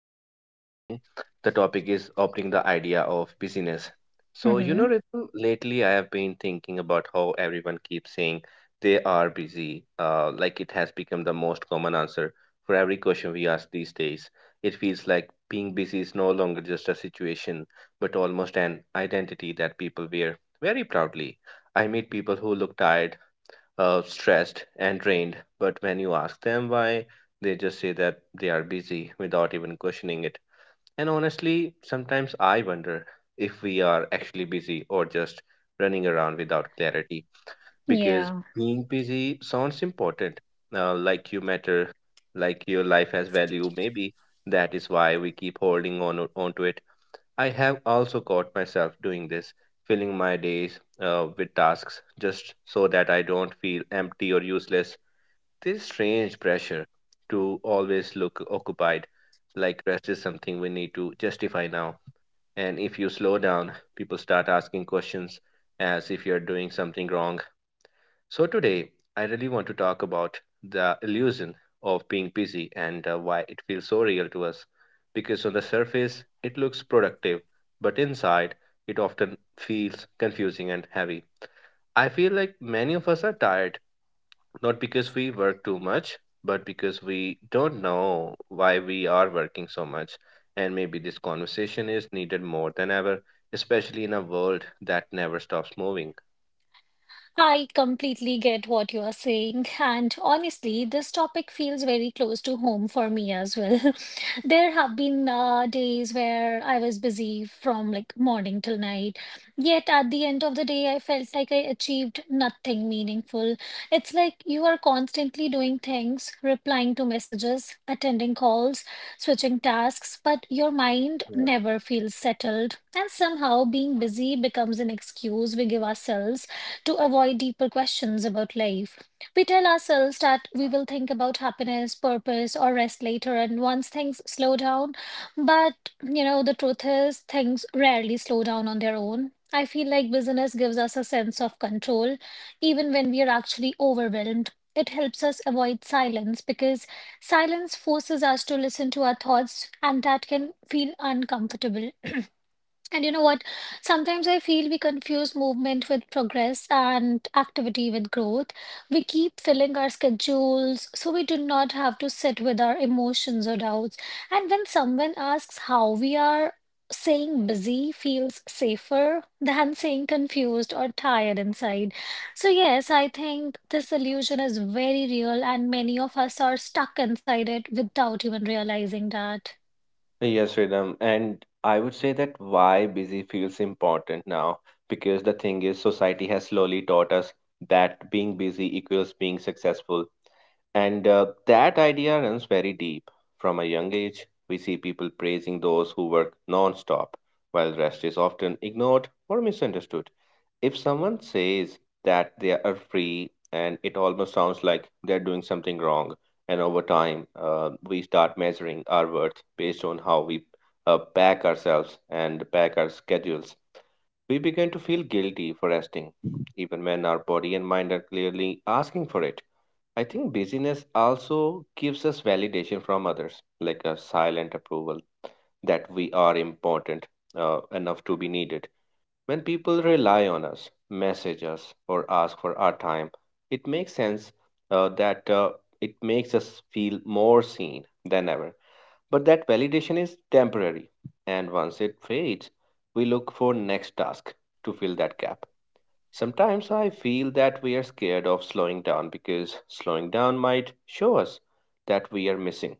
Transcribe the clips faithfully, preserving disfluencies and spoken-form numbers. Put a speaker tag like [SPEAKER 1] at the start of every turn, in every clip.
[SPEAKER 1] and very interesting. The topic is opening the idea of busyness. So, you know,
[SPEAKER 2] Hmm.
[SPEAKER 1] Ritu, lately I have been thinking about how everyone keeps saying they are busy. Uh, like it has become the most common answer for every question we ask these days. It feels like being busy is no longer just a situation, but almost an identity that people wear very proudly. I meet people who look tired, uh, stressed and drained, but when you ask them why, they just say that they are busy without even questioning it. And honestly, sometimes I wonder if we are actually busy or just running around without clarity because
[SPEAKER 2] Yeah.
[SPEAKER 1] being busy sounds important, uh, like you matter, like your life has value, maybe. That is why we keep holding on on to it. I have also caught myself doing this, filling my days uh, with tasks just so that I don't feel empty or useless. This strange pressure to always look occupied, like rest is something we need to justify now. And if you slow down, people start asking questions as if you're doing something wrong. So, today I really want to talk about the illusion of being busy and uh, why it feels so real to us. Because on the surface, it looks productive, but inside, it often feels confusing and heavy. I feel like many of us are tired, not because we work too much, but because we don't know why we are working so much. And maybe this conversation is needed more than ever, especially in a world that never stops moving.
[SPEAKER 2] I completely get what you are saying, and honestly, this topic feels very close to home for me as well. There have been uh, days where I was busy from like morning till night, yet at the end of the day, I felt like I achieved nothing meaningful. It's like you are constantly doing things, replying to messages, attending calls, switching tasks, but your mind never feels settled, and somehow being busy becomes an excuse we give ourselves to avoid deeper questions about life. We tell ourselves that we will think about happiness, purpose, or rest later, and once things slow down. But, you know, the truth is, things rarely slow down on their own. I feel like business gives us a sense of control, even when we are actually overwhelmed. It helps us avoid silence because silence forces us to listen to our thoughts, and that can feel uncomfortable. And you know what? Sometimes I feel we confuse movement with progress and activity with growth. We keep filling our schedules so we do not have to sit with our emotions or doubts. And when someone asks how we are, saying busy feels safer than saying confused or tired inside. So, yes, I think this illusion is very real, and many of us are stuck inside it without even realizing that.
[SPEAKER 1] Yes, Rhythm. And I would say that why busy feels important now, because the thing is, society has slowly taught us that being busy equals being successful. And uh, that idea runs very deep. From a young age, we see people praising those who work non-stop, while rest is often ignored or misunderstood. If someone says that they are free and it almost sounds like they're doing something wrong, and over time, uh, we start measuring our worth based on how we uh, pack ourselves and pack our schedules. We begin to feel guilty for resting, even when our body and mind are clearly asking for it. I think busyness also gives us validation from others, like a silent approval that we are important, uh, enough to be needed. When people rely on us, message us, or ask for our time, it makes sense, uh, that uh, it makes us feel more seen than ever. But that validation is temporary, and once it fades, we look for next task to fill that gap. Sometimes I feel that we are scared of slowing down because slowing down might show us that we are missing.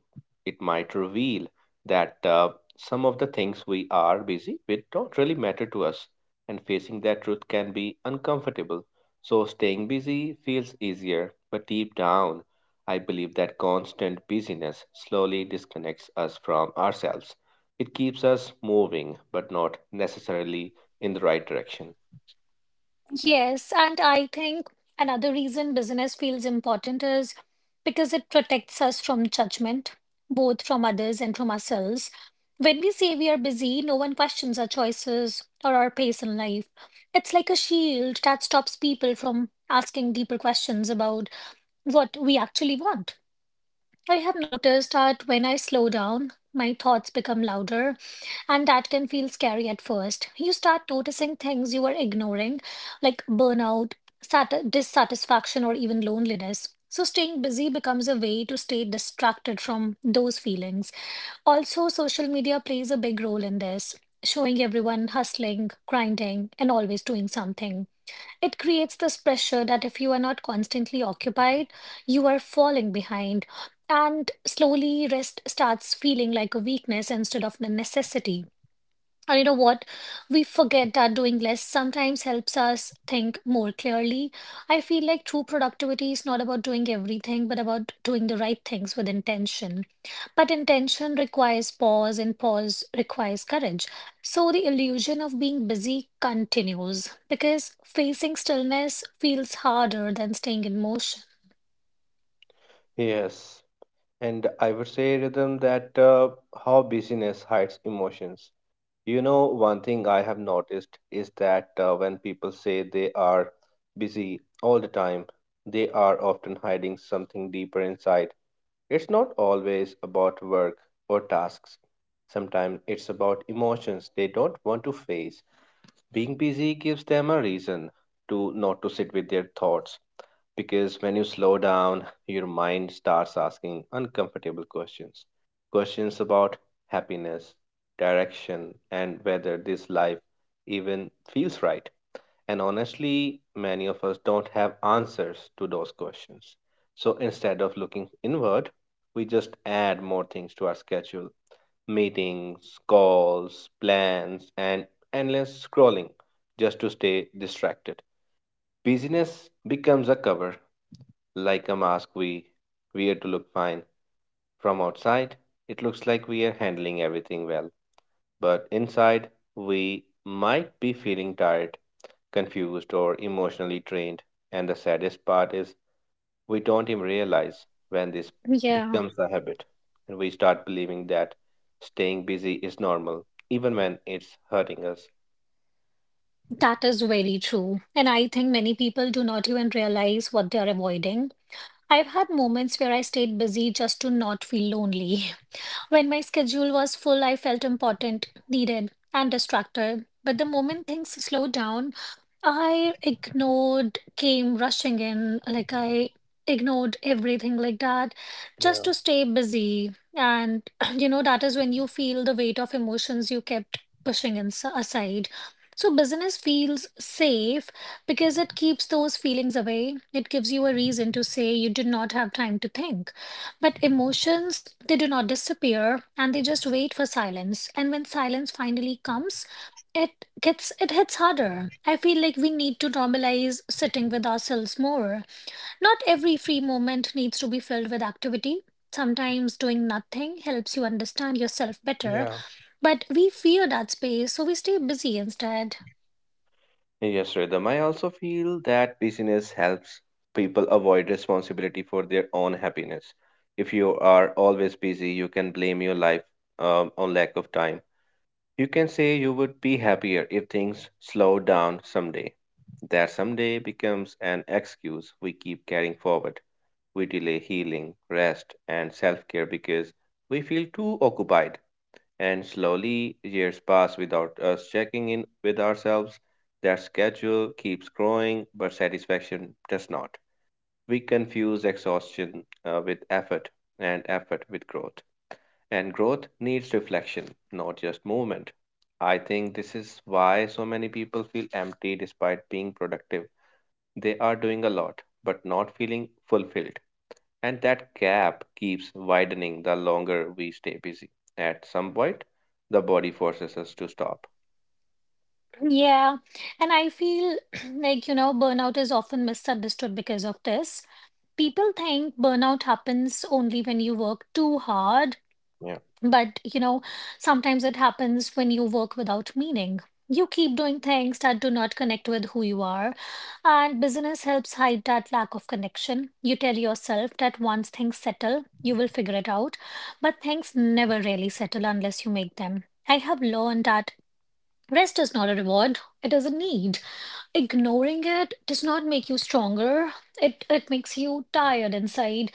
[SPEAKER 1] It might reveal that, uh, some of the things we are busy with don't really matter to us, and facing that truth can be uncomfortable. So staying busy feels easier, but deep down, I believe that constant busyness slowly disconnects us from ourselves. It keeps us moving, but not necessarily in the right direction.
[SPEAKER 2] Yes, and I think another reason business feels important is because it protects us from judgment, both from others and from ourselves. When we say we are busy, no one questions our choices or our pace in life. It's like a shield that stops people from asking deeper questions about what we actually want. I have noticed that when I slow down, my thoughts become louder, and that can feel scary at first. You start noticing things you were ignoring, like burnout, sat- dissatisfaction, or even loneliness. So, staying busy becomes a way to stay distracted from those feelings. Also, social media plays a big role in this, showing everyone hustling, grinding, and always doing something. It creates this pressure that if you are not constantly occupied, you are falling behind. And slowly, rest starts feeling like a weakness instead of a necessity. And you know what? We forget that doing less sometimes helps us think more clearly. I feel like true productivity is not about doing everything, but about doing the right things with intention. But intention requires pause, and pause requires courage. So the illusion of being busy continues because facing stillness feels harder than staying in motion.
[SPEAKER 1] Yes, and I would say, Rhythm, that, uh, how busyness hides emotions. You know, one thing I have noticed is that, uh, when people say they are busy all the time, they are often hiding something deeper inside. It's not always about work or tasks. Sometimes it's about emotions they don't want to face. Being busy gives them a reason to not to sit with their thoughts, because when you slow down, your mind starts asking uncomfortable questions. Questions about happiness, direction, and whether this life even feels right. And honestly, many of us don't have answers to those questions. So instead of looking inward, we just add more things to our schedule: meetings, calls, plans, and endless scrolling, just to stay distracted. Busyness becomes a cover, like a mask we wear to look fine. From outside, it looks like we are handling everything well, but inside, we might be feeling tired, confused, or emotionally drained. And the saddest part is we don't even realize when this
[SPEAKER 2] Yeah,
[SPEAKER 1] becomes a habit, and we start believing that staying busy is normal, even when it's hurting us.
[SPEAKER 2] that is very true. And I think many people do not even realize what they are avoiding. I've had moments where I stayed busy just to not feel lonely. When my schedule was full, I felt important, needed, and distracted. But the moment things slowed down, I ignored, came rushing in, like I ignored everything like that just
[SPEAKER 1] Yeah,
[SPEAKER 2] to stay busy. And, you know, that is when you feel the weight of emotions you kept pushing in aside. So, business feels safe because it keeps those feelings away. It gives you a reason to say you did not have time to think. But emotions, they do not disappear and they just wait for silence. And when silence finally comes, it gets it hits harder. I feel like we need to normalize sitting with ourselves more. Not every free moment needs to be filled with activity. Sometimes doing nothing helps you understand yourself better,
[SPEAKER 1] yeah.
[SPEAKER 2] but we fear that space, so we stay busy instead.
[SPEAKER 1] Yes, Rhythm. I also feel that busyness helps people avoid responsibility for their own happiness. If you are always busy, you can blame your life, um, on lack of time. You can say you would be happier if things slowed down someday. That someday becomes an excuse we keep carrying forward. We delay healing, rest, and self care because we feel too occupied. And slowly, years pass without us checking in with ourselves. That schedule keeps growing, but satisfaction does not. We confuse exhaustion, uh, with effort, and effort with growth. And growth needs reflection, not just movement. I think this is why so many people feel empty despite being productive. They are doing a lot, but not feeling fulfilled. And that gap keeps widening the longer we stay busy. At some point, the body forces us to stop.
[SPEAKER 2] Yeah, and I feel like, you know, burnout is often misunderstood because of this. People think burnout happens only when you work too hard,
[SPEAKER 1] Yeah.
[SPEAKER 2] but, you know, sometimes it happens when you work without meaning. You keep doing things that do not connect with who you are, and business helps hide that lack of connection. You tell yourself that once things settle, you will figure it out, but things never really settle unless you make them. I have learned that rest is not a reward, it is a need. Ignoring it does not make you stronger. It it makes you tired inside.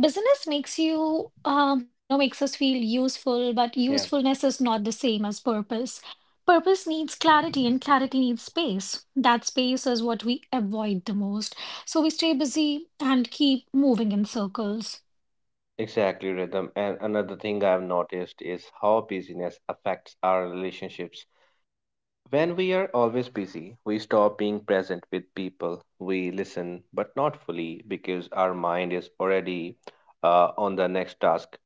[SPEAKER 2] Business makes you um, you know, makes us feel useful, but
[SPEAKER 1] Yeah.
[SPEAKER 2] usefulness is not the same as purpose. Purpose needs clarity and clarity needs space. That space is what we avoid the most. So we stay busy and keep moving in circles.
[SPEAKER 1] Exactly, Rhythm. And another thing I've noticed is how busyness affects our relationships. When we are always busy, we stop being present with people. We listen, but not fully because our mind is already, uh, on the next task.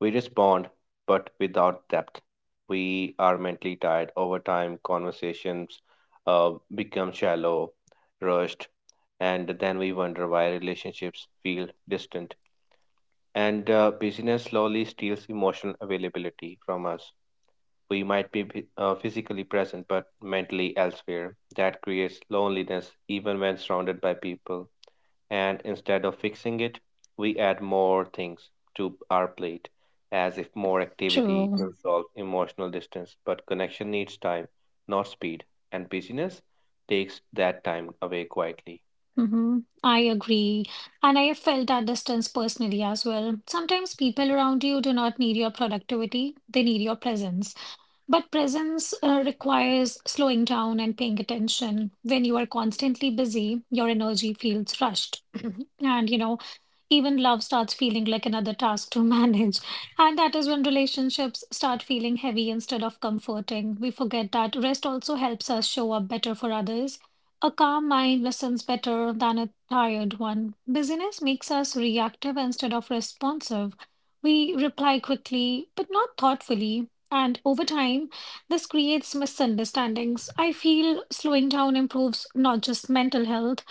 [SPEAKER 1] We respond, but without depth. We are mentally tired. Over time, conversations, uh, become shallow, rushed, and then we wonder why relationships feel distant. And, uh, busyness slowly steals emotional availability from us. We might be phy- uh, physically present, but mentally elsewhere. That creates loneliness, even when surrounded by people, and instead of fixing it, we add more things to our plate, as if more activity
[SPEAKER 2] True.
[SPEAKER 1] will solve emotional distance. But connection needs time, not speed, and busyness takes that time away quietly.
[SPEAKER 2] Mm-hmm. I agree. And I have felt that distance personally as well. Sometimes people around you do not need your productivity, they need your presence. But presence uh, requires slowing down and paying attention. When you are constantly busy, your energy feels rushed. And you know, even love starts feeling like another task to manage. And that is when relationships start feeling heavy instead of comforting. We forget that rest also helps us show up better for others. A calm mind listens better than a tired one. Busyness makes us reactive instead of responsive. We reply quickly, but not thoughtfully. And over time, this creates misunderstandings. I feel slowing down improves not just mental health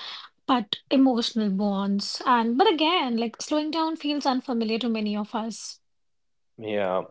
[SPEAKER 2] but emotional bonds. And but again, like slowing down feels unfamiliar to many of us.
[SPEAKER 1] Yeah,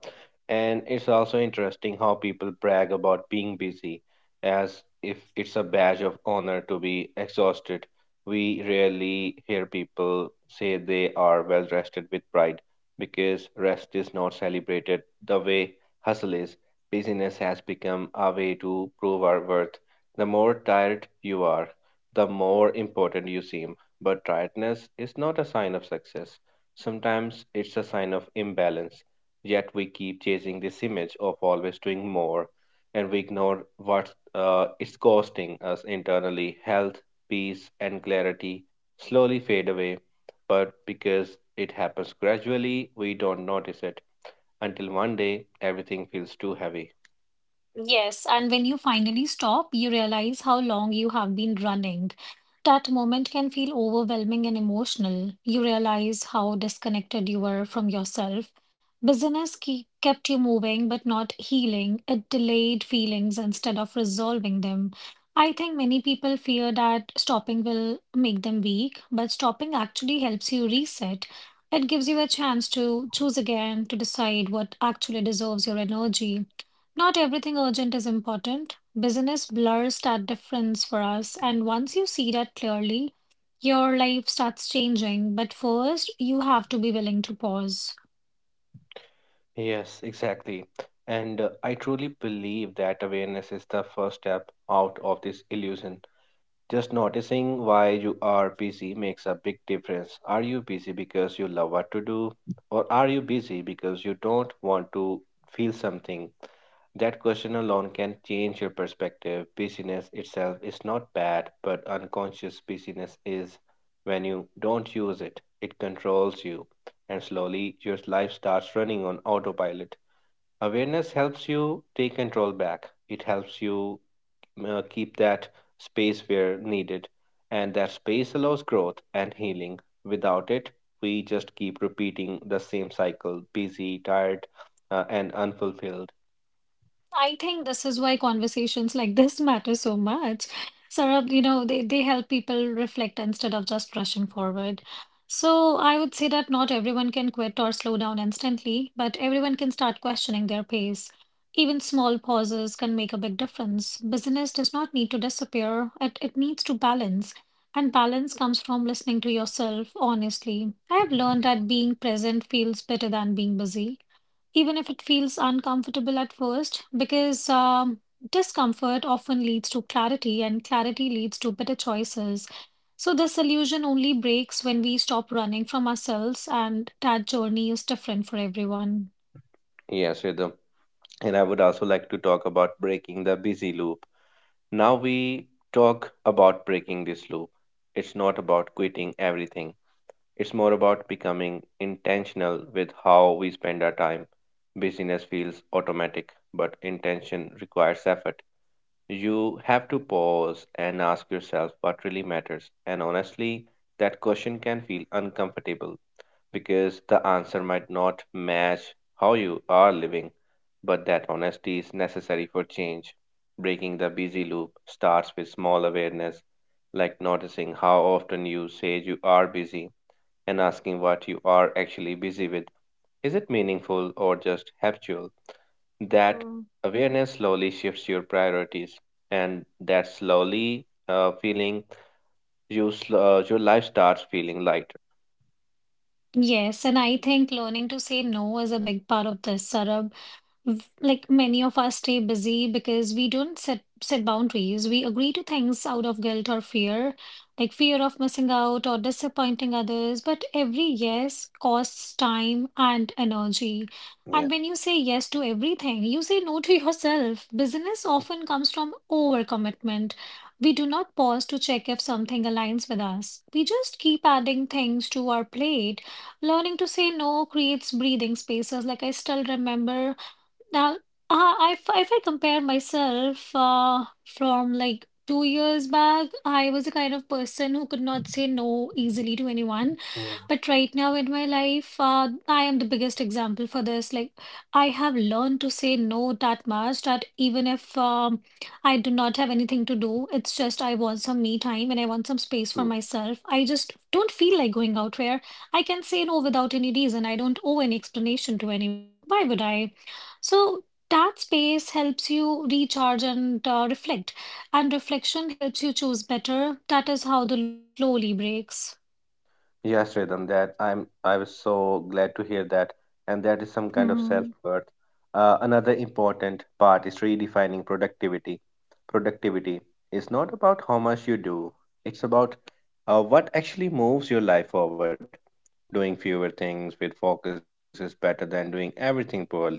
[SPEAKER 1] and it's also interesting how people brag about being busy as if it's a badge of honor to be exhausted. We rarely hear people say they are well rested with pride, because rest is not celebrated the way hustle is. Busyness has become a way to prove our worth. The more tired you are, the more important you seem. But tiredness is not a sign of success. Sometimes it's a sign of imbalance. Yet we keep chasing this image of always doing more, and we ignore what, uh, it's costing us internally. Health, peace, and clarity slowly fade away, but because it happens gradually, we don't notice it until one day everything feels too heavy.
[SPEAKER 2] Yes, and when you finally stop, you realize how long you have been running. That moment can feel overwhelming and emotional. You realize how disconnected you were from yourself. Business ke- kept you moving but not healing. It delayed feelings instead of resolving them. I think many people fear that stopping will make them weak, but stopping actually helps you reset. It gives you a chance to choose again, to decide what actually deserves your energy. Not everything urgent is important. Business blurs that difference for us, and once you see that clearly, your life starts changing. But first, you have to be willing to pause.
[SPEAKER 1] Yes, exactly. And, uh, I truly believe that awareness is the first step out of this illusion. Just noticing why you are busy makes a big difference. Are you busy because you love what to do? Or are you busy because you don't want to feel something? That question alone can change your perspective. Busyness itself is not bad, but unconscious busyness is when you don't use it. It controls you, and slowly your life starts running on autopilot. Awareness helps you take control back. It helps you, uh, keep that space where needed. And that space allows growth and healing. Without it, we just keep repeating the same cycle: busy, tired, uh, and unfulfilled.
[SPEAKER 2] I think this is why conversations like this matter so much. Saurabh, you know, they, they help people reflect instead of just rushing forward. So I would say that not everyone can quit or slow down instantly, but everyone can start questioning their pace. Even small pauses can make a big difference. Business does not need to disappear, it, it needs to balance. And balance comes from listening to yourself honestly. I have learned that being present feels better than being busy even if it feels uncomfortable at first, because um, discomfort often leads to clarity, and clarity leads to better choices. So, this illusion only breaks when we stop running from ourselves, and that journey is different for everyone.
[SPEAKER 1] Yes, Rhythm. And I would also like to talk about breaking the busy loop. Now we talk about breaking this loop. It's not about quitting everything, it's more about becoming intentional with how we spend our time. Busyness feels automatic, but intention requires effort. You have to pause and ask yourself what really matters. And honestly, that question can feel uncomfortable because the answer might not match how you are living. But that honesty is necessary for change. Breaking the busy loop starts with small awareness, like noticing how often you say you are busy and asking what you are actually busy with. Is it meaningful or just habitual? That
[SPEAKER 2] Mhm.
[SPEAKER 1] awareness slowly shifts your priorities, and that slowly, uh, feeling you sl- uh, your life starts feeling lighter.
[SPEAKER 2] Yes, and I think learning to say no is a big part of this, Sarab. V- like many of us stay busy because we don't set set boundaries. We agree to things out of guilt or fear, like fear of missing out or disappointing others, but every yes costs time and energy.
[SPEAKER 1] Yeah.
[SPEAKER 2] And when you say yes to everything, you say no to yourself. Business often comes from overcommitment. We do not pause to check if something aligns with us. We just keep adding things to our plate. Learning to say no creates breathing spaces. Like I still remember now, uh, if if I compare myself uh, from like two years back, I was the kind of person who could not say no easily to anyone.
[SPEAKER 1] Yeah,
[SPEAKER 2] But right now in my life, uh, I am the biggest example for this. Like, I have learned to say no that much that even if um, I do not have anything to do, it's just I want some me time and I want some space for
[SPEAKER 1] true.
[SPEAKER 2] myself. I just don't feel like going out where I can say no without any reason. I don't owe any explanation to anyone. Why would I? So that space helps you recharge and uh, reflect, and reflection helps you choose better. That is how the loop slowly breaks.
[SPEAKER 1] Yes, Rhythm, that i'm i was so glad to hear that, and that is some kind of
[SPEAKER 2] Hmm.
[SPEAKER 1] self-worth. Uh, another important part is redefining productivity. Productivity is not about how much you do, it's about, uh, what actually moves your life forward. Doing fewer things with focus is better than doing everything poorly.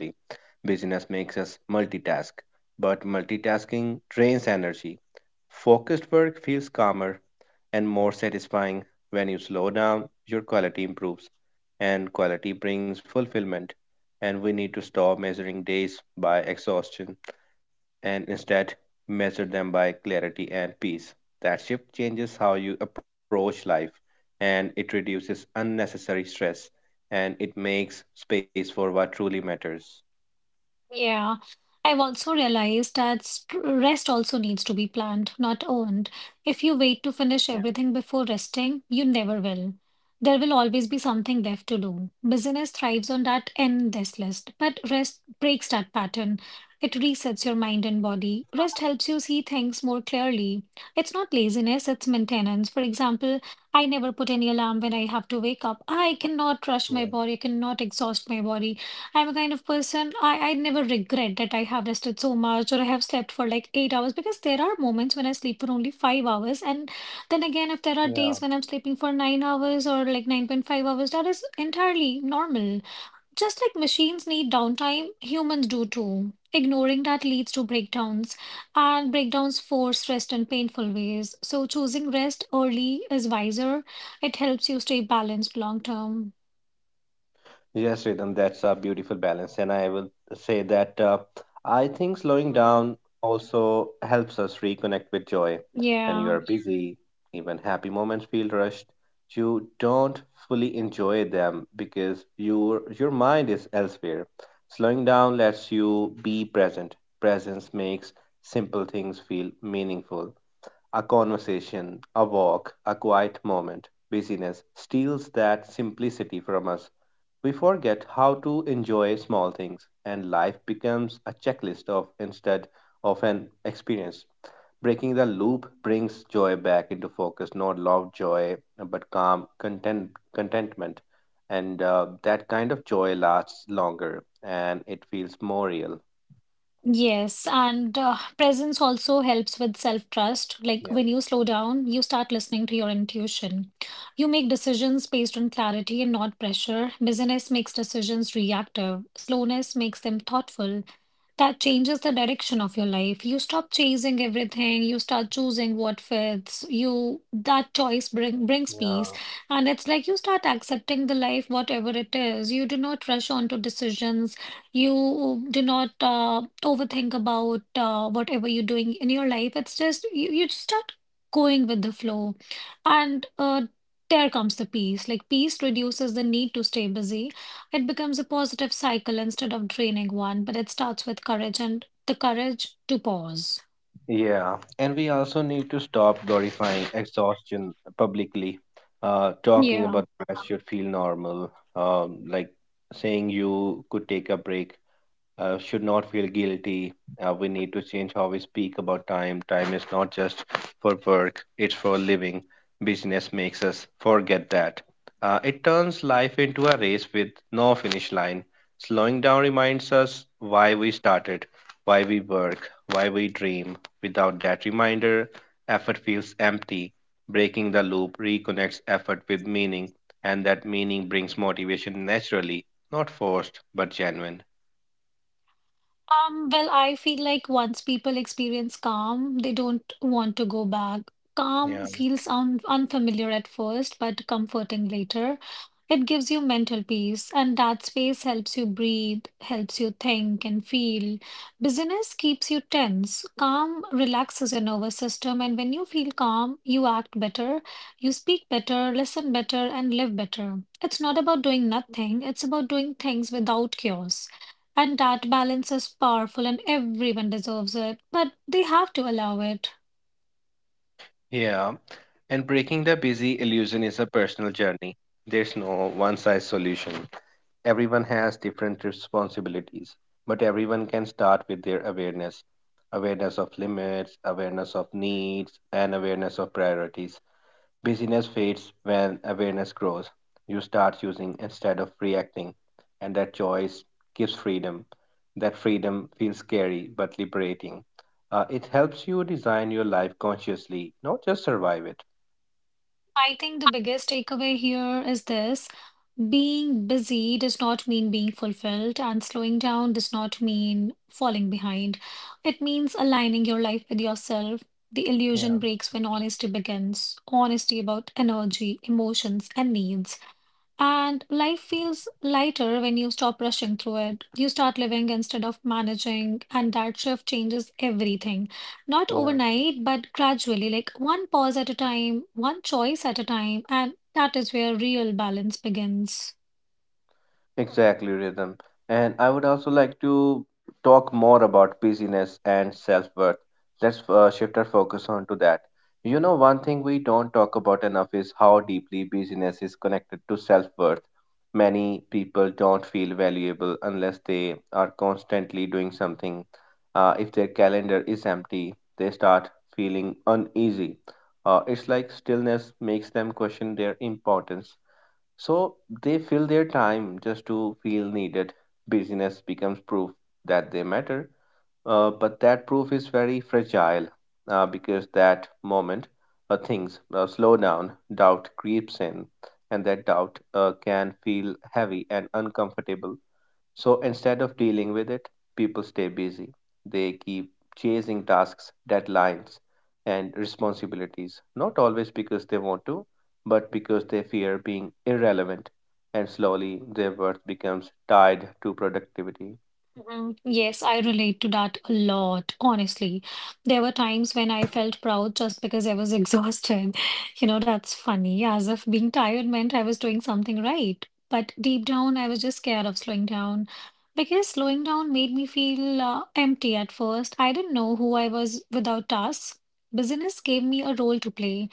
[SPEAKER 1] Busyness makes us multitask, but multitasking drains energy. Focused work feels calmer and more satisfying. When you slow down, your quality improves, and quality brings fulfillment. And we need to stop measuring days by exhaustion and instead measure them by clarity and peace. That shift changes how you approach life, and it reduces unnecessary stress, and it makes space for what truly matters.
[SPEAKER 2] Yeah, I've also realized that st- rest also needs to be planned, not earned. If you wait to finish everything before resting, you never will. There will always be something left to do. Business thrives on that endless list, but rest breaks that pattern. It resets your mind and body. Rest helps you see things more clearly. It's not laziness, it's maintenance. For example, I never put any alarm when I have to wake up. I cannot
[SPEAKER 1] Yeah.
[SPEAKER 2] rush my body, I cannot exhaust my body. I'm a kind of person, I, I never regret that I have rested so much or I have slept for like eight hours, because there are moments when I sleep for only five hours. And then again, if there are
[SPEAKER 1] Yeah.
[SPEAKER 2] days when I'm sleeping for nine hours or like nine point five hours, that is entirely normal. Just like machines need downtime, humans do too. Ignoring that leads to breakdowns, and breakdowns force rest in painful ways. So, choosing rest early is wiser. It helps you stay balanced long term.
[SPEAKER 1] Yes, Rhythm, that's a beautiful balance. And I will say that, uh, I think slowing
[SPEAKER 2] Hmm.
[SPEAKER 1] down also helps us reconnect with joy. When you
[SPEAKER 2] Yeah.
[SPEAKER 1] are busy, even happy moments feel rushed. You don't fully enjoy them because your your mind is elsewhere. Slowing down lets you be present. Presence makes simple things feel meaningful. A conversation, a walk, a quiet moment. Busyness steals that simplicity from us. We forget how to enjoy small things, and life becomes a checklist of instead of an experience. Breaking the loop brings joy back into focus, not loud joy, but calm content, contentment. And uh, that kind of joy lasts longer and it feels more real.
[SPEAKER 2] Yes, and uh, presence also helps with self-trust. Like,
[SPEAKER 1] Yeah.
[SPEAKER 2] when you slow down, you start listening to your intuition. You make decisions based on clarity and not pressure. Busyness makes decisions reactive. Slowness makes them thoughtful. That changes the direction of your life. You stop chasing everything. You start choosing what fits. You that choice bring, brings peace,
[SPEAKER 1] Yeah.
[SPEAKER 2] and it's like you start accepting the life, whatever it is. You do not rush on to decisions. You do not uh, overthink about uh, whatever you're doing in your life. It's just you, you just start going with the flow, and uh, there comes the peace. Like, peace reduces the need to stay busy. It becomes a positive cycle instead of draining one, but it starts with courage and the courage to pause.
[SPEAKER 1] Yeah, and we also need to stop glorifying exhaustion publicly. Uh, talking
[SPEAKER 2] Yeah.
[SPEAKER 1] about rest should feel normal. Um, like saying you could take a break uh, should not feel guilty. Uh, we need to change how we speak about time. Time is not just for work, it's for living. Business makes us forget that. Uh, it turns life into a race with no finish line. Slowing down reminds us why we started, why we work, why we dream. Without that reminder, effort feels empty. Breaking the loop reconnects effort with meaning, and that meaning brings motivation naturally, not forced but genuine.
[SPEAKER 2] Um, well, I feel like once people experience calm, they don't want to go back. Calm
[SPEAKER 1] Yeah.
[SPEAKER 2] feels un unfamiliar at first, but comforting later. It gives you mental peace, and that space helps you breathe, helps you think and feel. Busyness keeps you tense. Calm relaxes your nervous system, and when you feel calm, you act better, you speak better, listen better, and live better. It's not about doing nothing, it's about doing things without chaos. And that balance is powerful and everyone deserves it, but they have to allow it.
[SPEAKER 1] Yeah, and breaking the busy illusion is a personal journey. There's no one size solution. Everyone has different responsibilities, but everyone can start with their awareness awareness of limits, awareness of needs, and awareness of priorities. Busyness fades when awareness grows. You start using instead of reacting, and that choice gives freedom. That freedom feels scary but liberating. Uh, it helps you design your life consciously, not just survive it.
[SPEAKER 2] I think the biggest takeaway here is this: being busy does not mean being fulfilled, and slowing down does not mean falling behind. It means aligning your life with yourself. The
[SPEAKER 1] Yeah,
[SPEAKER 2] illusion breaks when honesty begins, honesty about energy, emotions, and needs. And life feels lighter when you stop rushing through it. You start living instead of managing, and that shift changes everything. Not
[SPEAKER 1] yeah.
[SPEAKER 2] overnight, but gradually, like one pause at a time, one choice at a time, and that is where real balance begins.
[SPEAKER 1] Exactly, Rhythm. And I would also like to talk more about busyness and self-worth. Let's uh, shift our focus onto that. You know, one thing we don't talk about enough is how deeply busyness is connected to self-worth. Many people don't feel valuable unless they are constantly doing something. Uh, if their calendar is empty, they start feeling uneasy. Uh, it's like stillness makes them question their importance, so they fill their time just to feel needed. Busyness becomes proof that they matter. Uh, but that proof is very fragile uh, because that moment uh, things uh, slow down, doubt creeps in, and that doubt uh, can feel heavy and uncomfortable, so instead of dealing with it, people stay busy. They keep chasing tasks, deadlines, and responsibilities, not always because they want to, but because they fear being irrelevant. And slowly, their worth becomes tied to productivity.
[SPEAKER 2] Mhm. Yes, I relate to that a lot, honestly. There were times when I felt proud just because I was exhausted. You know, that's funny, as if being tired meant I was doing something right. But deep down, I was just scared of slowing down, because slowing down made me feel uh, empty at first. I didn't know who I was without tasks. Business gave me a role to play.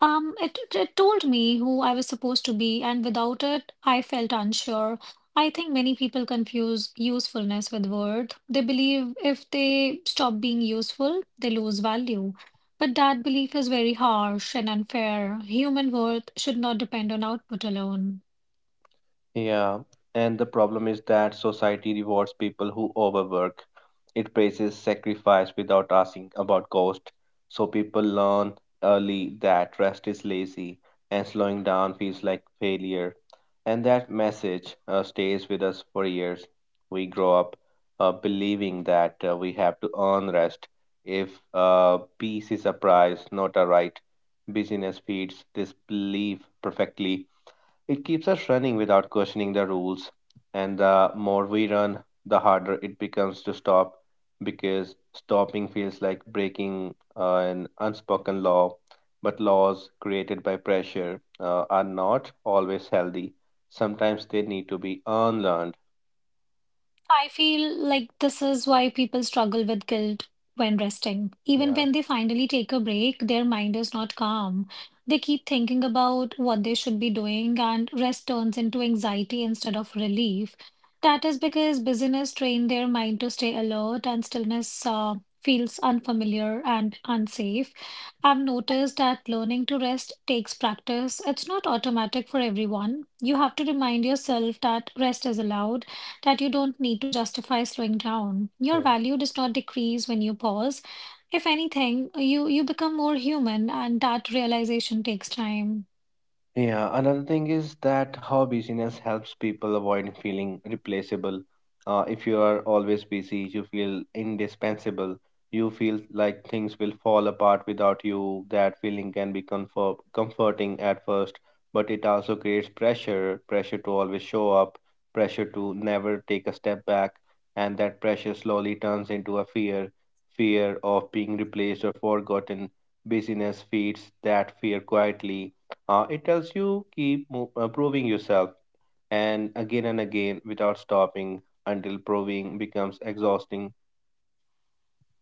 [SPEAKER 2] Um, it, it it told me who I was supposed to be, and without it, I felt unsure. I think many people confuse usefulness with worth. They believe if they stop being useful, they lose value. But that belief is very harsh and unfair. Human worth should not depend on output alone.
[SPEAKER 1] Yeah, and the problem is that society rewards people who overwork. It praises sacrifice without asking about cost. So people learn early that rest is lazy and slowing down feels like failure. And that message uh, stays with us for years. We grow up uh, believing that uh, we have to earn rest. If uh, peace is a prize, not a right, busyness feeds this belief perfectly. It keeps us running without questioning the rules, and the more we run, the harder it becomes to stop, because stopping feels like breaking uh, an unspoken law. But laws created by pressure uh, are not always healthy. Sometimes they need to be unlearned.
[SPEAKER 2] I feel like this is why people struggle with guilt when resting. Even
[SPEAKER 1] Yeah.
[SPEAKER 2] when they finally take a break, their mind is not calm. They keep thinking about what they should be doing, and rest turns into anxiety instead of relief. That is because busyness trained their mind to stay alert, and stillness uh, feels unfamiliar and unsafe. I've noticed that learning to rest takes practice. It's not automatic for everyone. You have to remind yourself that rest is allowed, that you don't need to justify slowing down. Your value does not decrease when you pause. If anything, you, you become more human, and that realization takes time.
[SPEAKER 1] Yeah, another thing is that how busyness helps people avoid feeling replaceable. Uh, if you are always busy, you feel indispensable. You feel like things will fall apart without you. That feeling can be comfort comforting at first, but it also creates pressure, pressure to always show up, pressure to never take a step back, and that pressure slowly turns into a fear, fear of being replaced or forgotten. Busyness feeds that fear quietly. Uh, it tells you keep mo- uh, proving yourself, and again and again without stopping until proving becomes exhausting.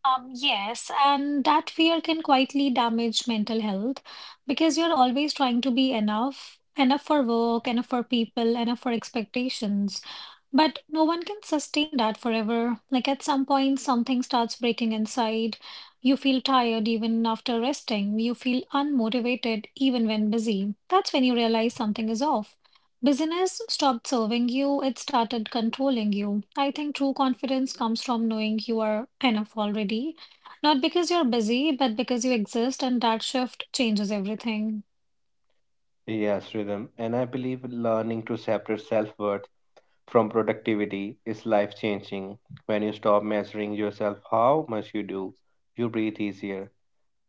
[SPEAKER 2] Um, yes, and that fear can quietly damage mental health, because you're always trying to be enough, enough for work, enough for people, enough for expectations. But no one can sustain that forever. Like, at some point, something starts breaking inside. You feel tired even after resting. You feel unmotivated even when busy. That's when you realize something is off. Business stopped serving you, it started controlling you. I think true confidence comes from knowing you are enough already. Not because you're busy, but because you exist, and that shift changes everything.
[SPEAKER 1] Yes, Rhythm. And I believe learning to separate self worth from productivity is life changing. When you stop measuring yourself how much you do, you breathe easier.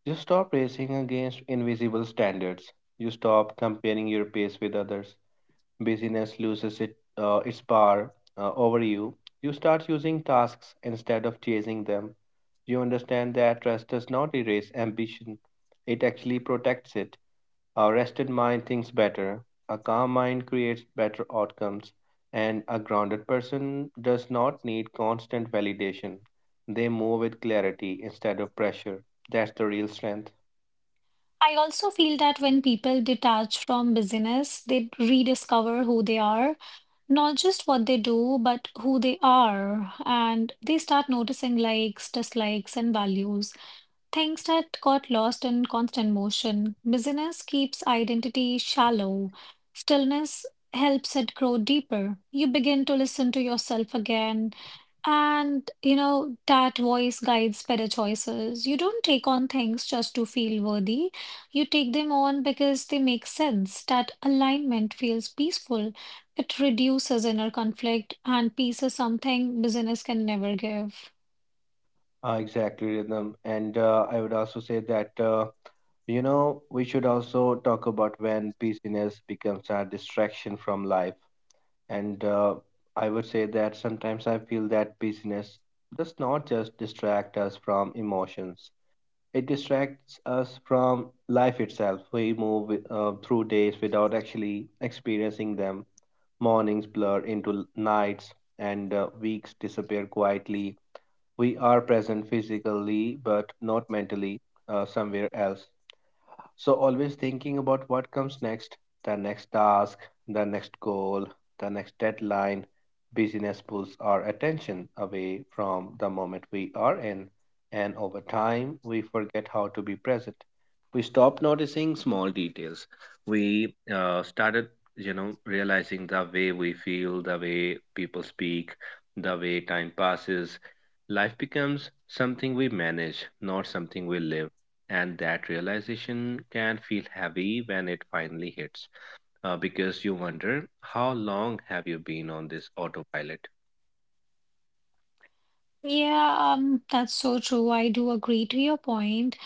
[SPEAKER 1] You stop racing against invisible standards. You stop comparing your pace with others. Busyness loses it, uh, its power uh, over you. You start using tasks instead of chasing them. You understand that rest does not erase ambition, it actually protects it. A rested mind thinks better, a calm mind creates better outcomes, and a grounded person does not need constant validation. They move with clarity instead of pressure. That's the real strength.
[SPEAKER 2] I also feel that when people detach from business, they rediscover who they are, not just what they do, but who they are. And they start noticing likes, dislikes, and values. Things that got lost in constant motion. Busyness keeps identity shallow. Stillness helps it grow deeper. You begin to listen to yourself again. And, you know, that voice guides better choices. You don't take on things just to feel worthy. You take them on because they make sense. That alignment feels peaceful. It reduces inner conflict, and peace is something business can never give.
[SPEAKER 1] Uh, exactly, Rhythm. And uh, I would also say that. Uh, You know, we should also talk about when busyness becomes a distraction from life. And uh, I would say that sometimes I feel that busyness does not just distract us from emotions, it distracts us from life itself. We move uh, through days without actually experiencing them. Mornings blur into nights, and uh, weeks disappear quietly. We are present physically, but not mentally, uh, somewhere else, so always thinking about what comes next, the next task, the next goal, the next deadline. Busyness pulls our attention away from the moment we are in, and over time we forget how to be present. We stop noticing small details. We uh, started, you know, realizing the way we feel, the way people speak, the way time passes. Life becomes something we manage, not something we live, and that realization can feel heavy when it finally hits, uh, because you wonder how long have you been on this autopilot?
[SPEAKER 2] Yeah, um, that's so true. I do agree to your point.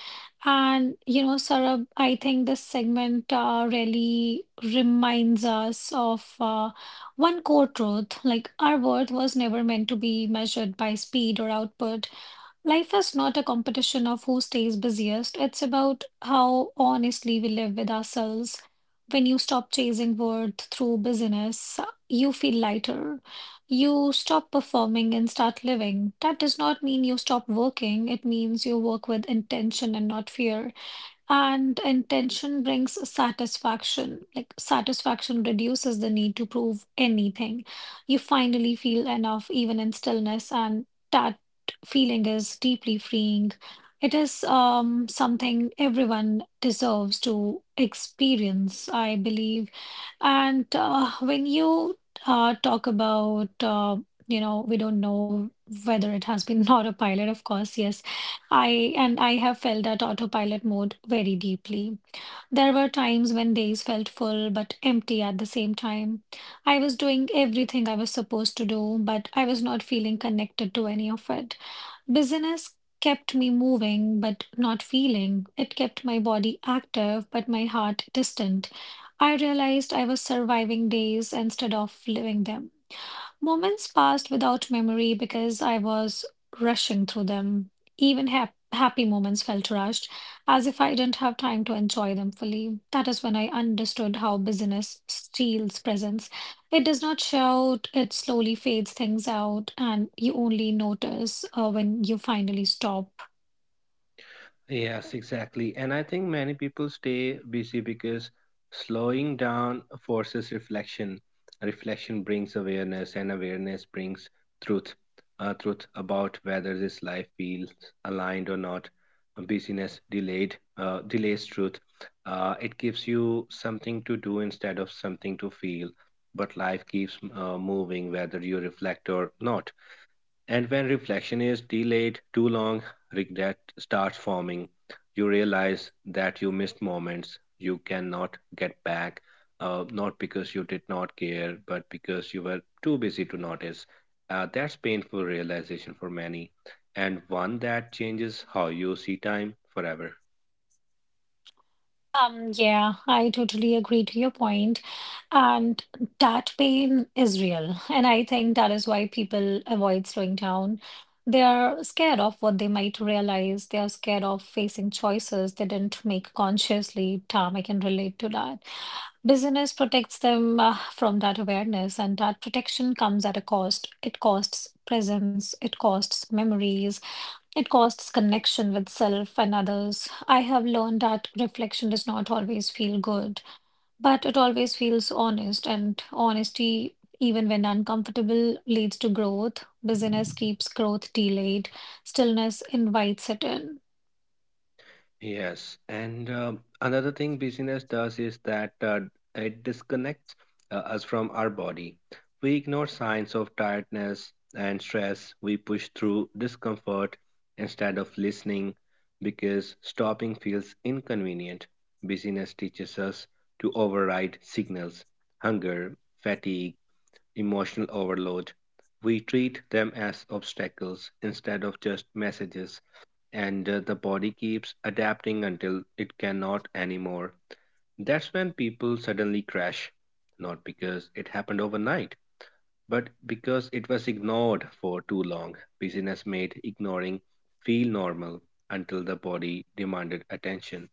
[SPEAKER 2] And, you know, Saurabh, I think this segment uh, really reminds us of uh, one core truth. Like, our worth was never meant to be measured by speed or output. Life is not a competition of who stays busiest. It's about how honestly we live with ourselves. When you stop chasing worth through business, you feel lighter. You stop performing and start living. That does not mean you stop working. It means you work with intention and not fear. And intention brings satisfaction. Like, satisfaction reduces the need to prove anything. You finally feel enough, even in stillness, and that feeling is deeply freeing. It is um, something everyone deserves to experience, I believe. And uh, when you uh, talk about, uh, you know, we don't know whether it has been autopilot, of course, yes. I and I have felt that autopilot mode very deeply. There were times when days felt full but empty at the same time. I was doing everything I was supposed to do, but I was not feeling connected to any of it. Business kept me moving but not feeling. It kept my body active but my heart distant. I realized I was surviving days instead of living them. Moments passed without memory because I was rushing through them. Even hap- happy moments felt rushed, as if I didn't have time to enjoy them fully. That is when I understood how business steals presence. It does not shout, it slowly fades things out, and you only notice uh, when you finally stop.
[SPEAKER 1] Yes, exactly. And I think many people stay busy because slowing down forces reflection. Reflection brings awareness, and awareness brings truth. Uh, truth about whether this life feels aligned or not. Busyness delayed uh, delays truth. Uh, it gives you something to do instead of something to feel. But life keeps uh, moving, whether you reflect or not. And when reflection is delayed too long, regret starts forming. You realize that you missed moments you cannot get back, uh, not because you did not care, but because you were too busy to notice. Uh, that's painful realization for many, and one that changes how you see time forever.
[SPEAKER 2] Um, yeah, I totally agree to your point. And that pain is real. And I think that is why people avoid slowing down. They are scared of what they might realize. They are scared of facing choices they didn't make consciously. Tom, I can relate to that. Business protects them uh, from that awareness, and that protection comes at a cost. It costs presence, it costs memories, it costs connection with self and others. I have learned that reflection does not always feel good, but it always feels honest, and honesty, even when uncomfortable, leads to growth. Business keeps growth delayed, stillness invites it in.
[SPEAKER 1] Yes, and um, another thing busyness does is that uh, it disconnects uh, us from our body. We ignore signs of tiredness and stress. We push through discomfort instead of listening because stopping feels inconvenient. Busyness teaches us to override signals, hunger, fatigue, emotional overload. We treat them as obstacles instead of just messages, and uh, the body keeps adapting until it cannot anymore. That's when people suddenly crash, not because it happened overnight, but because it was ignored for too long. Business made ignoring feel normal until the body demanded attention.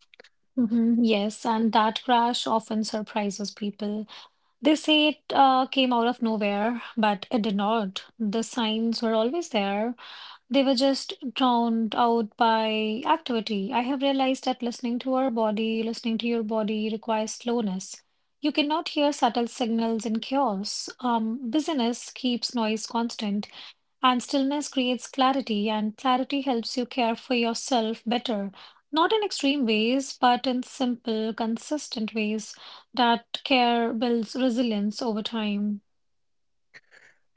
[SPEAKER 2] Mhm. Yes, and that crash often surprises people. They say it uh, came out of nowhere, but it did not. The signs were always there. They were just drowned out by activity. I have realized that listening to our body, listening to your body requires slowness. You cannot hear subtle signals in chaos. Um, busyness keeps noise constant. And stillness creates clarity, and clarity helps you care for yourself better. Not in extreme ways, but in simple, consistent ways. That care builds resilience over time.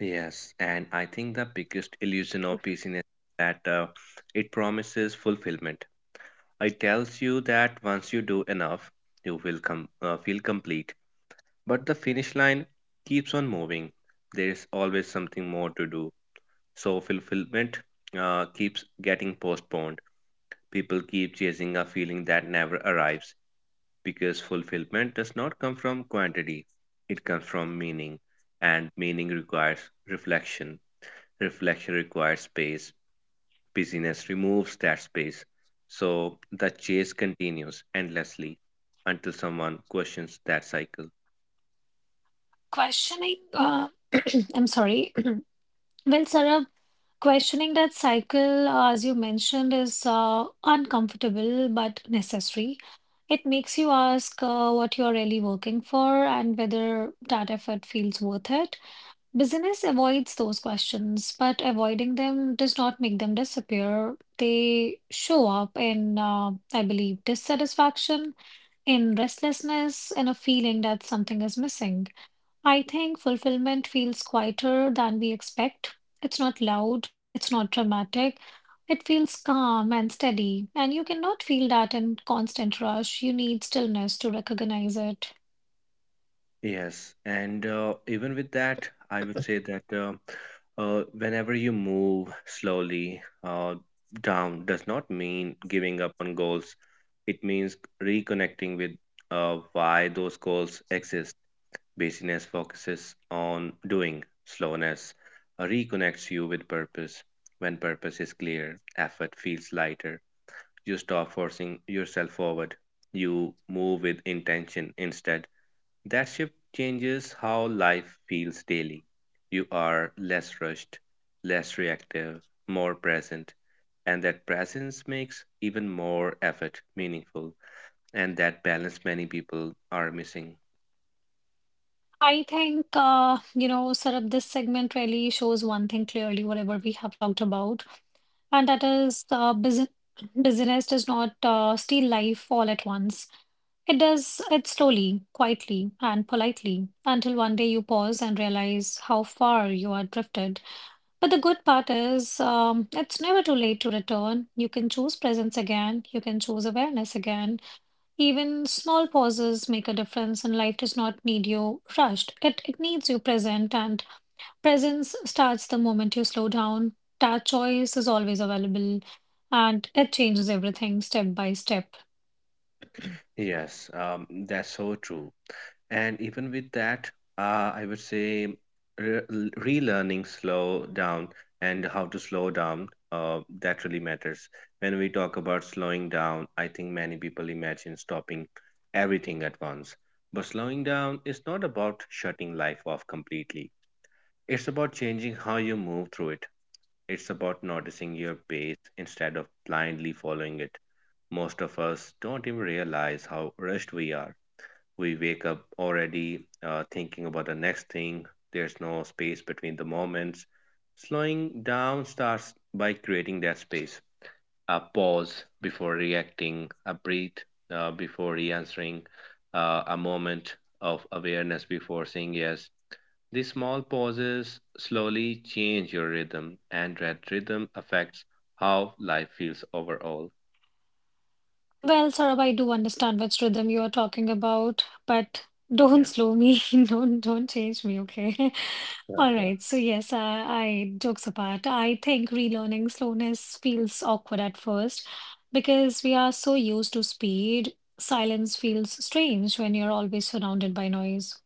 [SPEAKER 1] Yes, and I think the biggest illusion of business is that uh, it promises fulfillment. It tells you that once you do enough, you will com- uh, feel complete. But the finish line keeps on moving. There is always something more to do. So fulfillment uh, keeps getting postponed. People keep chasing a feeling that never arrives, because fulfillment does not come from quantity, it comes from meaning. And meaning requires reflection. Reflection requires space. Busyness removes that space. So the chase continues endlessly until someone questions that cycle.
[SPEAKER 2] Questioning, uh, I'm sorry. Well, Sarah, questioning that cycle, uh, as you mentioned, is uh, uncomfortable but necessary. It makes you ask uh, what you're really working for, and whether that effort feels worth it. Business avoids those questions, but avoiding them does not make them disappear. They show up in, uh, I believe, dissatisfaction, in restlessness, in a feeling that something is missing. I think fulfillment feels quieter than we expect. It's not loud, it's not dramatic. It feels calm and steady, and you cannot feel that in constant rush. You need stillness to recognize it.
[SPEAKER 1] Yes, and uh, even with that, I would say that uh, uh, whenever you move slowly uh, down does not mean giving up on goals. It means reconnecting with uh, why those goals exist. Busyness focuses on doing. Slowness uh, reconnects you with purpose. When purpose is clear, effort feels lighter. You stop forcing yourself forward. You move with intention instead. That shift changes how life feels daily. You are less rushed, less reactive, more present, and that presence makes even more effort meaningful, and that balance many people are missing.
[SPEAKER 2] I think, uh, you know, Sarab, this segment really shows one thing clearly, whatever we have talked about, and that is uh, business. Business does not uh, steal life all at once. It does it slowly, quietly, and politely until one day you pause and realize how far you are drifted. But the good part is, um, it's never too late to return. You can choose presence again, you can choose awareness again, even small pauses make a difference, and life does not need you rushed. It, it needs you present, and presence starts the moment you slow down. That choice is always available, and it changes everything step by step.
[SPEAKER 1] Yes, um, that's so true. And even with that, uh, I would say re relearning slow down and how to slow down, uh, that really matters. When we talk about slowing down, I think many people imagine stopping everything at once. But slowing down is not about shutting life off completely. It's about changing how you move through it. It's about noticing your pace instead of blindly following it. Most of us don't even realize how rushed we are. We wake up already uh, thinking about the next thing. There's no space between the moments. Slowing down starts by creating that space. A pause before reacting, a breath uh, before re answering, uh, a moment of awareness before saying yes. The small pauses slowly change your rhythm, and that rhythm affects how life feels overall.
[SPEAKER 2] Well, Saurabh, I do understand which rhythm you are talking about, but don't
[SPEAKER 1] Yeah.
[SPEAKER 2] slow me. Don't don't change me, okay?
[SPEAKER 1] Yeah,
[SPEAKER 2] All
[SPEAKER 1] yeah.
[SPEAKER 2] right. So yes, I, I jokes apart, I think relearning slowness feels awkward at first because we are so used to speed. Silence feels strange when you're always surrounded by noise.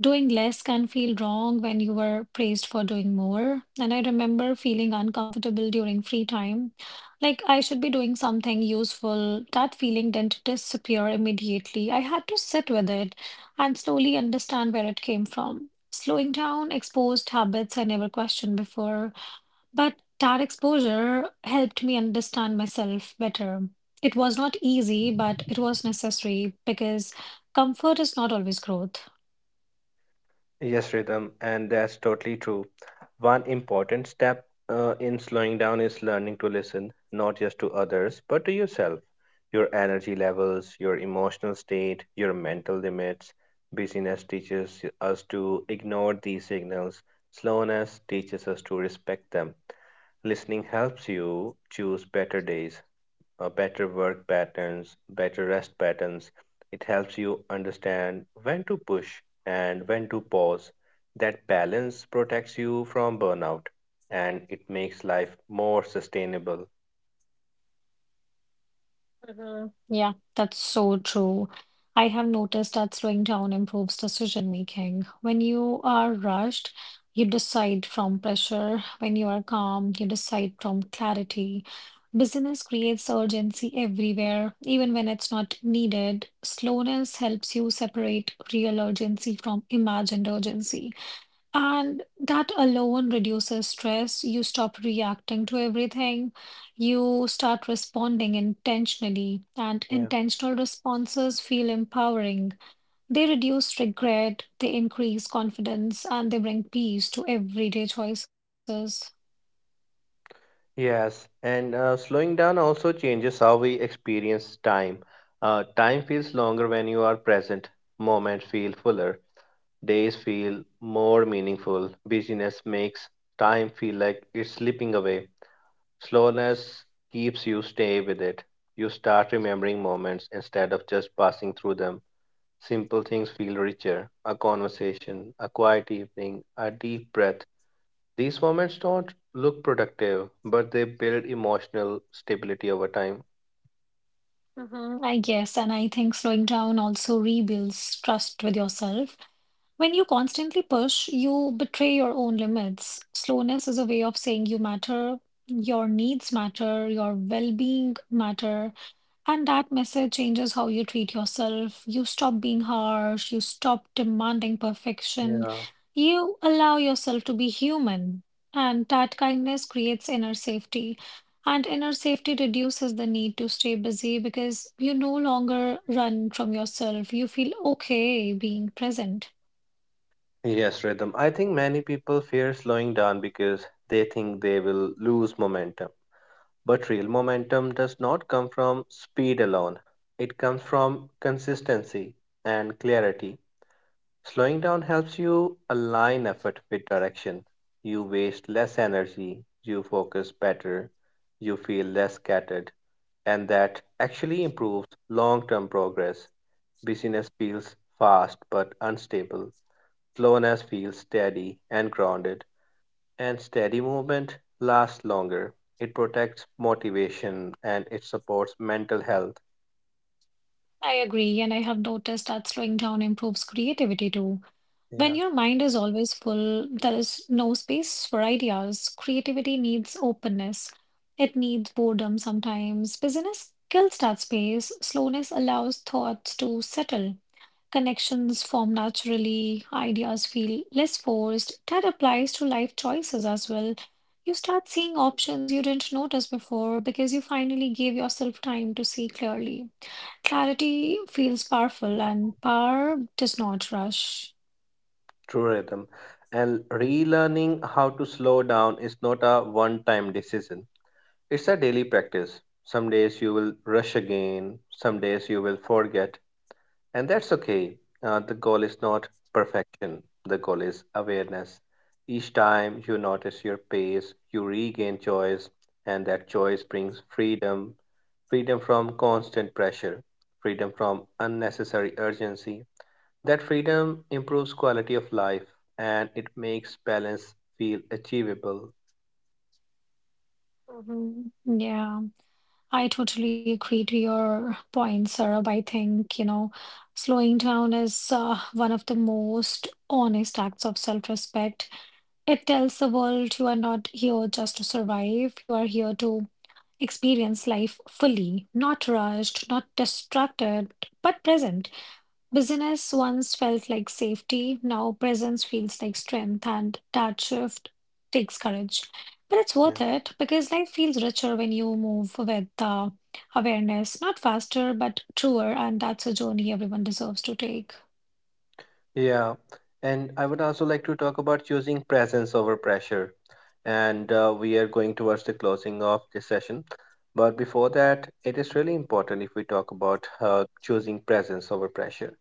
[SPEAKER 2] Doing less can feel wrong when you were praised for doing more. And I remember feeling uncomfortable during free time, like I should be doing something useful. That feeling didn't disappear immediately. I had to sit with it and slowly understand where it came from. Slowing down exposed habits I never questioned before, but that exposure helped me understand myself better. It was not easy, but it was necessary because comfort is not always growth.
[SPEAKER 1] Yes, Rhythm, and that's totally true. One important step uh, in slowing down is learning to listen, not just to others, but to yourself. Your energy levels, your emotional state, your mental limits. Busyness teaches us to ignore these signals, slowness teaches us to respect them. Listening helps you choose better days, uh, better work patterns, better rest patterns. It helps you understand when to push and when to pause. That balance protects you from burnout and it makes life more sustainable.
[SPEAKER 2] Mhm. Yeah, that's so true. I have noticed that slowing down improves decision making. When you are rushed, you decide from pressure. When you are calm, you decide from clarity. Busyness creates urgency everywhere, even when it's not needed. Slowness helps you separate real urgency from imagined urgency. And that alone reduces stress. You stop reacting to everything. You start responding intentionally, and
[SPEAKER 1] Yeah.
[SPEAKER 2] intentional responses feel empowering. They reduce regret, they increase confidence, and they bring peace to everyday choices.
[SPEAKER 1] Yes, and uh, slowing down also changes how we experience time. Uh, time feels longer when you are present, moments feel fuller, days feel more meaningful. Busyness makes time feel like it's slipping away. Slowness keeps you stay with it. You start remembering moments instead of just passing through them. Simple things feel richer: a conversation, a quiet evening, a deep breath. These moments don't look productive, but they build emotional stability over time.
[SPEAKER 2] Mhm, I guess, and I think slowing down also rebuilds trust with yourself. When you constantly push, you betray your own limits. Slowness is a way of saying you matter, your needs matter, your well-being matter, and that message changes how you treat yourself. You stop being harsh, you stop demanding perfection,
[SPEAKER 1] Yeah.
[SPEAKER 2] you allow yourself to be human, and that kindness creates inner safety. And inner safety reduces the need to stay busy because you no longer run from yourself. You feel okay being present.
[SPEAKER 1] Yes, Rhythm. I think many people fear slowing down because they think they will lose momentum. But real momentum does not come from speed alone, it comes from consistency and clarity. Slowing down helps you align effort with direction. You waste less energy, you focus better, you feel less scattered, and that actually improves long term progress. Busyness feels fast but unstable, slowness feels steady and grounded. And steady movement lasts longer. It protects motivation and it supports mental health.
[SPEAKER 2] I agree, and I have noticed that slowing down improves creativity too.
[SPEAKER 1] Yeah,
[SPEAKER 2] When your mind is always full, there is no space for ideas. Creativity needs openness. It needs boredom sometimes. Business kills that space. Slowness allows thoughts to settle. Connections form naturally. Ideas feel less forced. That applies to life choices as well. You start seeing options you didn't notice before because you finally gave yourself time to see clearly. Clarity feels powerful, and power does not rush.
[SPEAKER 1] true Rhythm. And relearning how to slow down is not a one time decision, it's a daily practice. Some days you will rush again, some days you will forget, and that's okay. Uh, the goal is not perfection, the goal is awareness. Each time you notice your pace, you regain choice, and that choice brings freedom, freedom from constant pressure, freedom from unnecessary urgency. That freedom improves quality of life and it makes balance feel achievable.
[SPEAKER 2] Mhm. Yeah, I totally agree to your point, Sarab. I think, you know, slowing down is uh, one of the most honest acts of self-respect. It tells the world you are not here just to survive, you are here to experience life fully, not rushed, not distracted, but present. Business once felt like safety, now presence feels like strength, and that shift takes courage. But it's worth
[SPEAKER 1] Yeah.
[SPEAKER 2] it because life feels richer when you move with uh, awareness, not faster, but truer, and that's a journey everyone deserves to take.
[SPEAKER 1] Yeah. And I would also like to talk about choosing presence over pressure. And uh, we are going towards the closing of this session. But before that, it is really important if we talk about uh, choosing presence over pressure.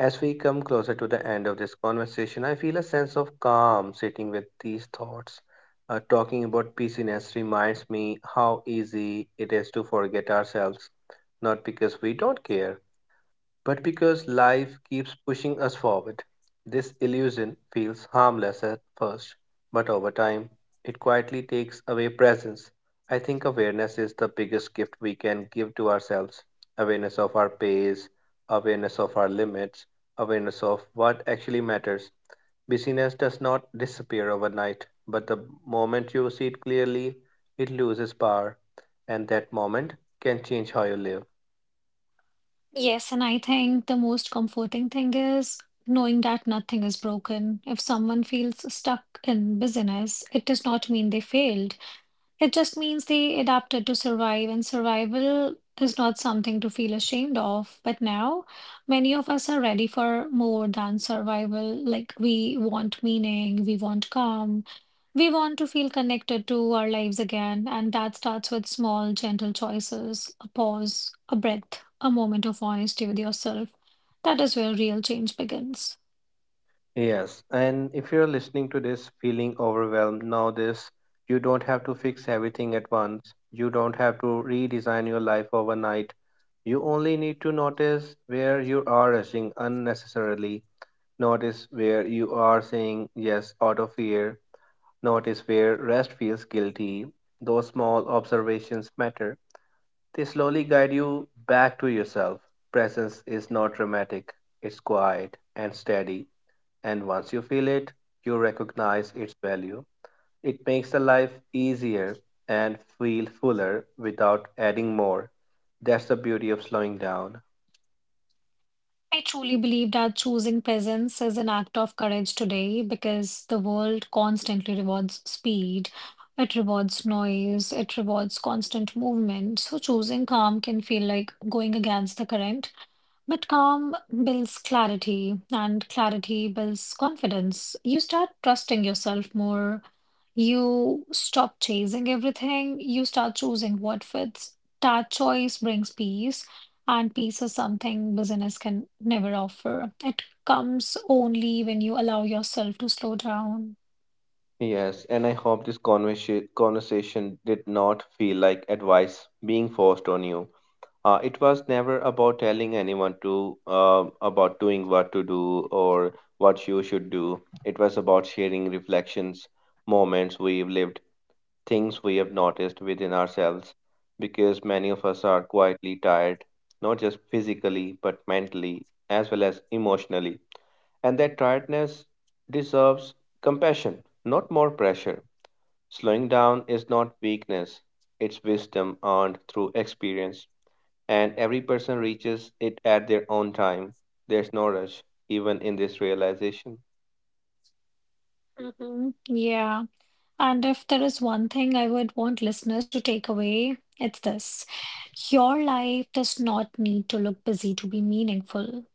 [SPEAKER 1] As we come closer to the end of this conversation, I feel a sense of calm sitting with these thoughts. Uh, talking about busyness reminds me how easy it is to forget ourselves, not because we don't care, but because life keeps pushing us forward. This illusion feels harmless at first, but over time, it quietly takes away presence. I think awareness is the biggest gift we can give to ourselves: awareness of our pace, awareness of our limits, awareness of what actually matters. Busyness does not disappear overnight, but the moment you see it clearly, it loses power, and that moment can change how you live.
[SPEAKER 2] Yes, and I think the most comforting thing is knowing that nothing is broken. If someone feels stuck in business, it does not mean they failed. It just means they adapted to survive, and survival is not something to feel ashamed of. But now, many of us are ready for more than survival. Like, we want meaning, we want calm, we want to feel connected to our lives again. And that starts with small, gentle choices, a pause, a breath, a moment of honesty with yourself. That is where real change begins.
[SPEAKER 1] Yes, and if you're listening to this feeling overwhelmed now, this you don't have to fix everything at once. You don't have to redesign your life overnight. You only need to notice where you are rushing unnecessarily. Notice where you are saying yes out of fear. Notice where rest feels guilty. Those small observations matter. They slowly guide you back to yourself. Presence is not dramatic, it's quiet and steady, and once you feel it, you recognize its value. It makes the life easier and feel fuller without adding more. That's the beauty of slowing down.
[SPEAKER 2] I truly believe that choosing presence is an act of courage today because the world constantly rewards speed, it rewards noise, it rewards constant movement. So choosing calm can feel like going against the current. But calm builds clarity, and clarity builds confidence. You start trusting yourself more. You stop chasing everything. You start choosing what fits. That choice brings peace, and peace is something business can never offer. It comes only when you allow yourself to slow down.
[SPEAKER 1] Yes, and I hope this conversa- conversation did not feel like advice being forced on you. Uh, it was never about telling anyone to uh, about doing what to do or what you should do. It was about sharing reflections, moments we've lived, things we have noticed within ourselves, because many of us are quietly tired, not just physically, but mentally as well as emotionally. And that tiredness deserves compassion, not more pressure. Slowing down is not weakness, it's wisdom earned through experience. And every person reaches it at their own time. There's no rush, even in this realization.
[SPEAKER 2] Hmm. Yeah. And if there is one thing I would want listeners to take away, it's this. Your life does not need to look busy to be meaningful.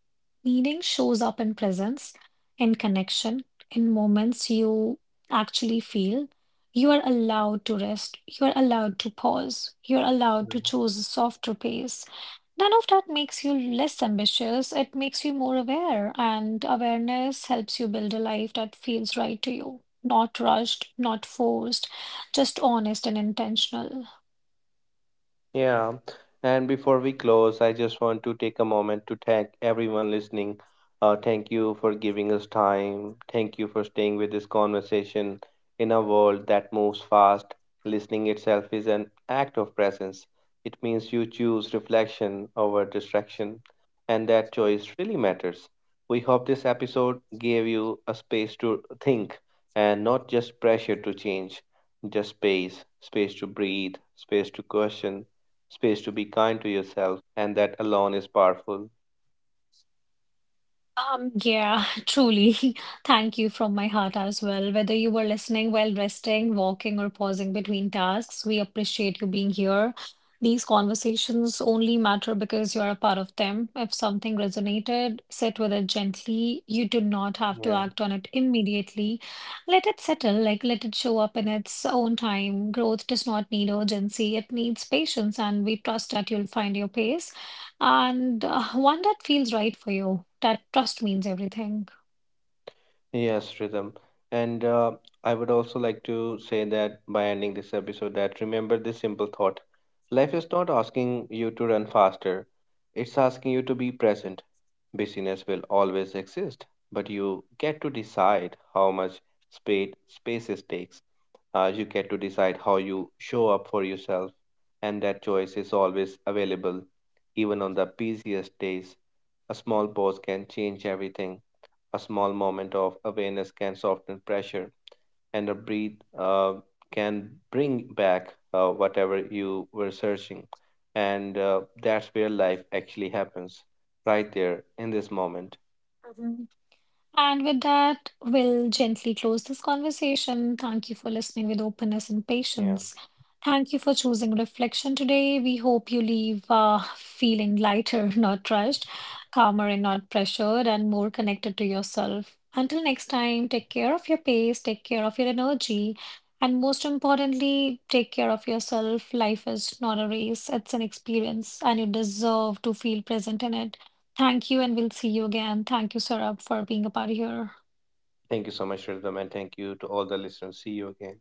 [SPEAKER 2] Meaning shows up in presence, in connection, in moments you actually feel. You are allowed to rest. You are allowed to pause. You are allowed to choose a softer pace. None of that makes you less ambitious. It makes you more aware, and awareness helps you build a life that feels right to you, not rushed, not forced, just honest and intentional.
[SPEAKER 1] Yeah, and before we close, I just want to take a moment to thank everyone listening. Uh, thank you for giving us time. Thank you for staying with this conversation in a world that moves fast. Listening itself is an act of presence. It means you choose reflection over distraction, and that choice really matters. We hope this episode gave you a space to think and not just pressure to change, just space, space to breathe, space to question, space to be kind to yourself, and that alone is powerful.
[SPEAKER 2] Um, yeah, truly. Thank you from my heart as well. Whether you were listening while resting, walking, or pausing between tasks, we appreciate you being here. These conversations only matter because you are a part of them. If something resonated, sit with it gently. You do not have to
[SPEAKER 1] Yeah.
[SPEAKER 2] act on it immediately. Let it settle, like let it show up in its own time. Growth does not need urgency, it needs patience, and we trust that you'll find your pace and uh, one that feels right for you, that trust means everything.
[SPEAKER 1] Yes, Rhythm. And uh, I would also like to say that by ending this episode, that remember this simple thought. Life is not asking you to run faster, it's asking you to be present. Busyness will always exist, but you get to decide how much space spaces takes. Uh, you get to decide how you show up for yourself, and that choice is always available. Even on the busiest days, a small pause can change everything. A small moment of awareness can soften pressure, and a breath uh, can bring back uh, whatever you were searching. And uh, that's where life actually happens, right there in this moment.
[SPEAKER 2] Mhm. And with that, we'll gently close this conversation. Thank you for listening with openness and
[SPEAKER 1] Yeah.
[SPEAKER 2] patience. Thank you for choosing reflection today. We hope you leave uh, feeling lighter, not rushed, calmer and not pressured, and more connected to yourself. Until next time, take care of your pace, take care of your energy, and most importantly, take care of yourself. Life is not a race, it's an experience, and you deserve to feel present in it. Thank you, and we'll see you again. Thank you, Saurabh, for being a part of here.
[SPEAKER 1] Thank you so much, Rhythm, and thank you to all the listeners. See you again.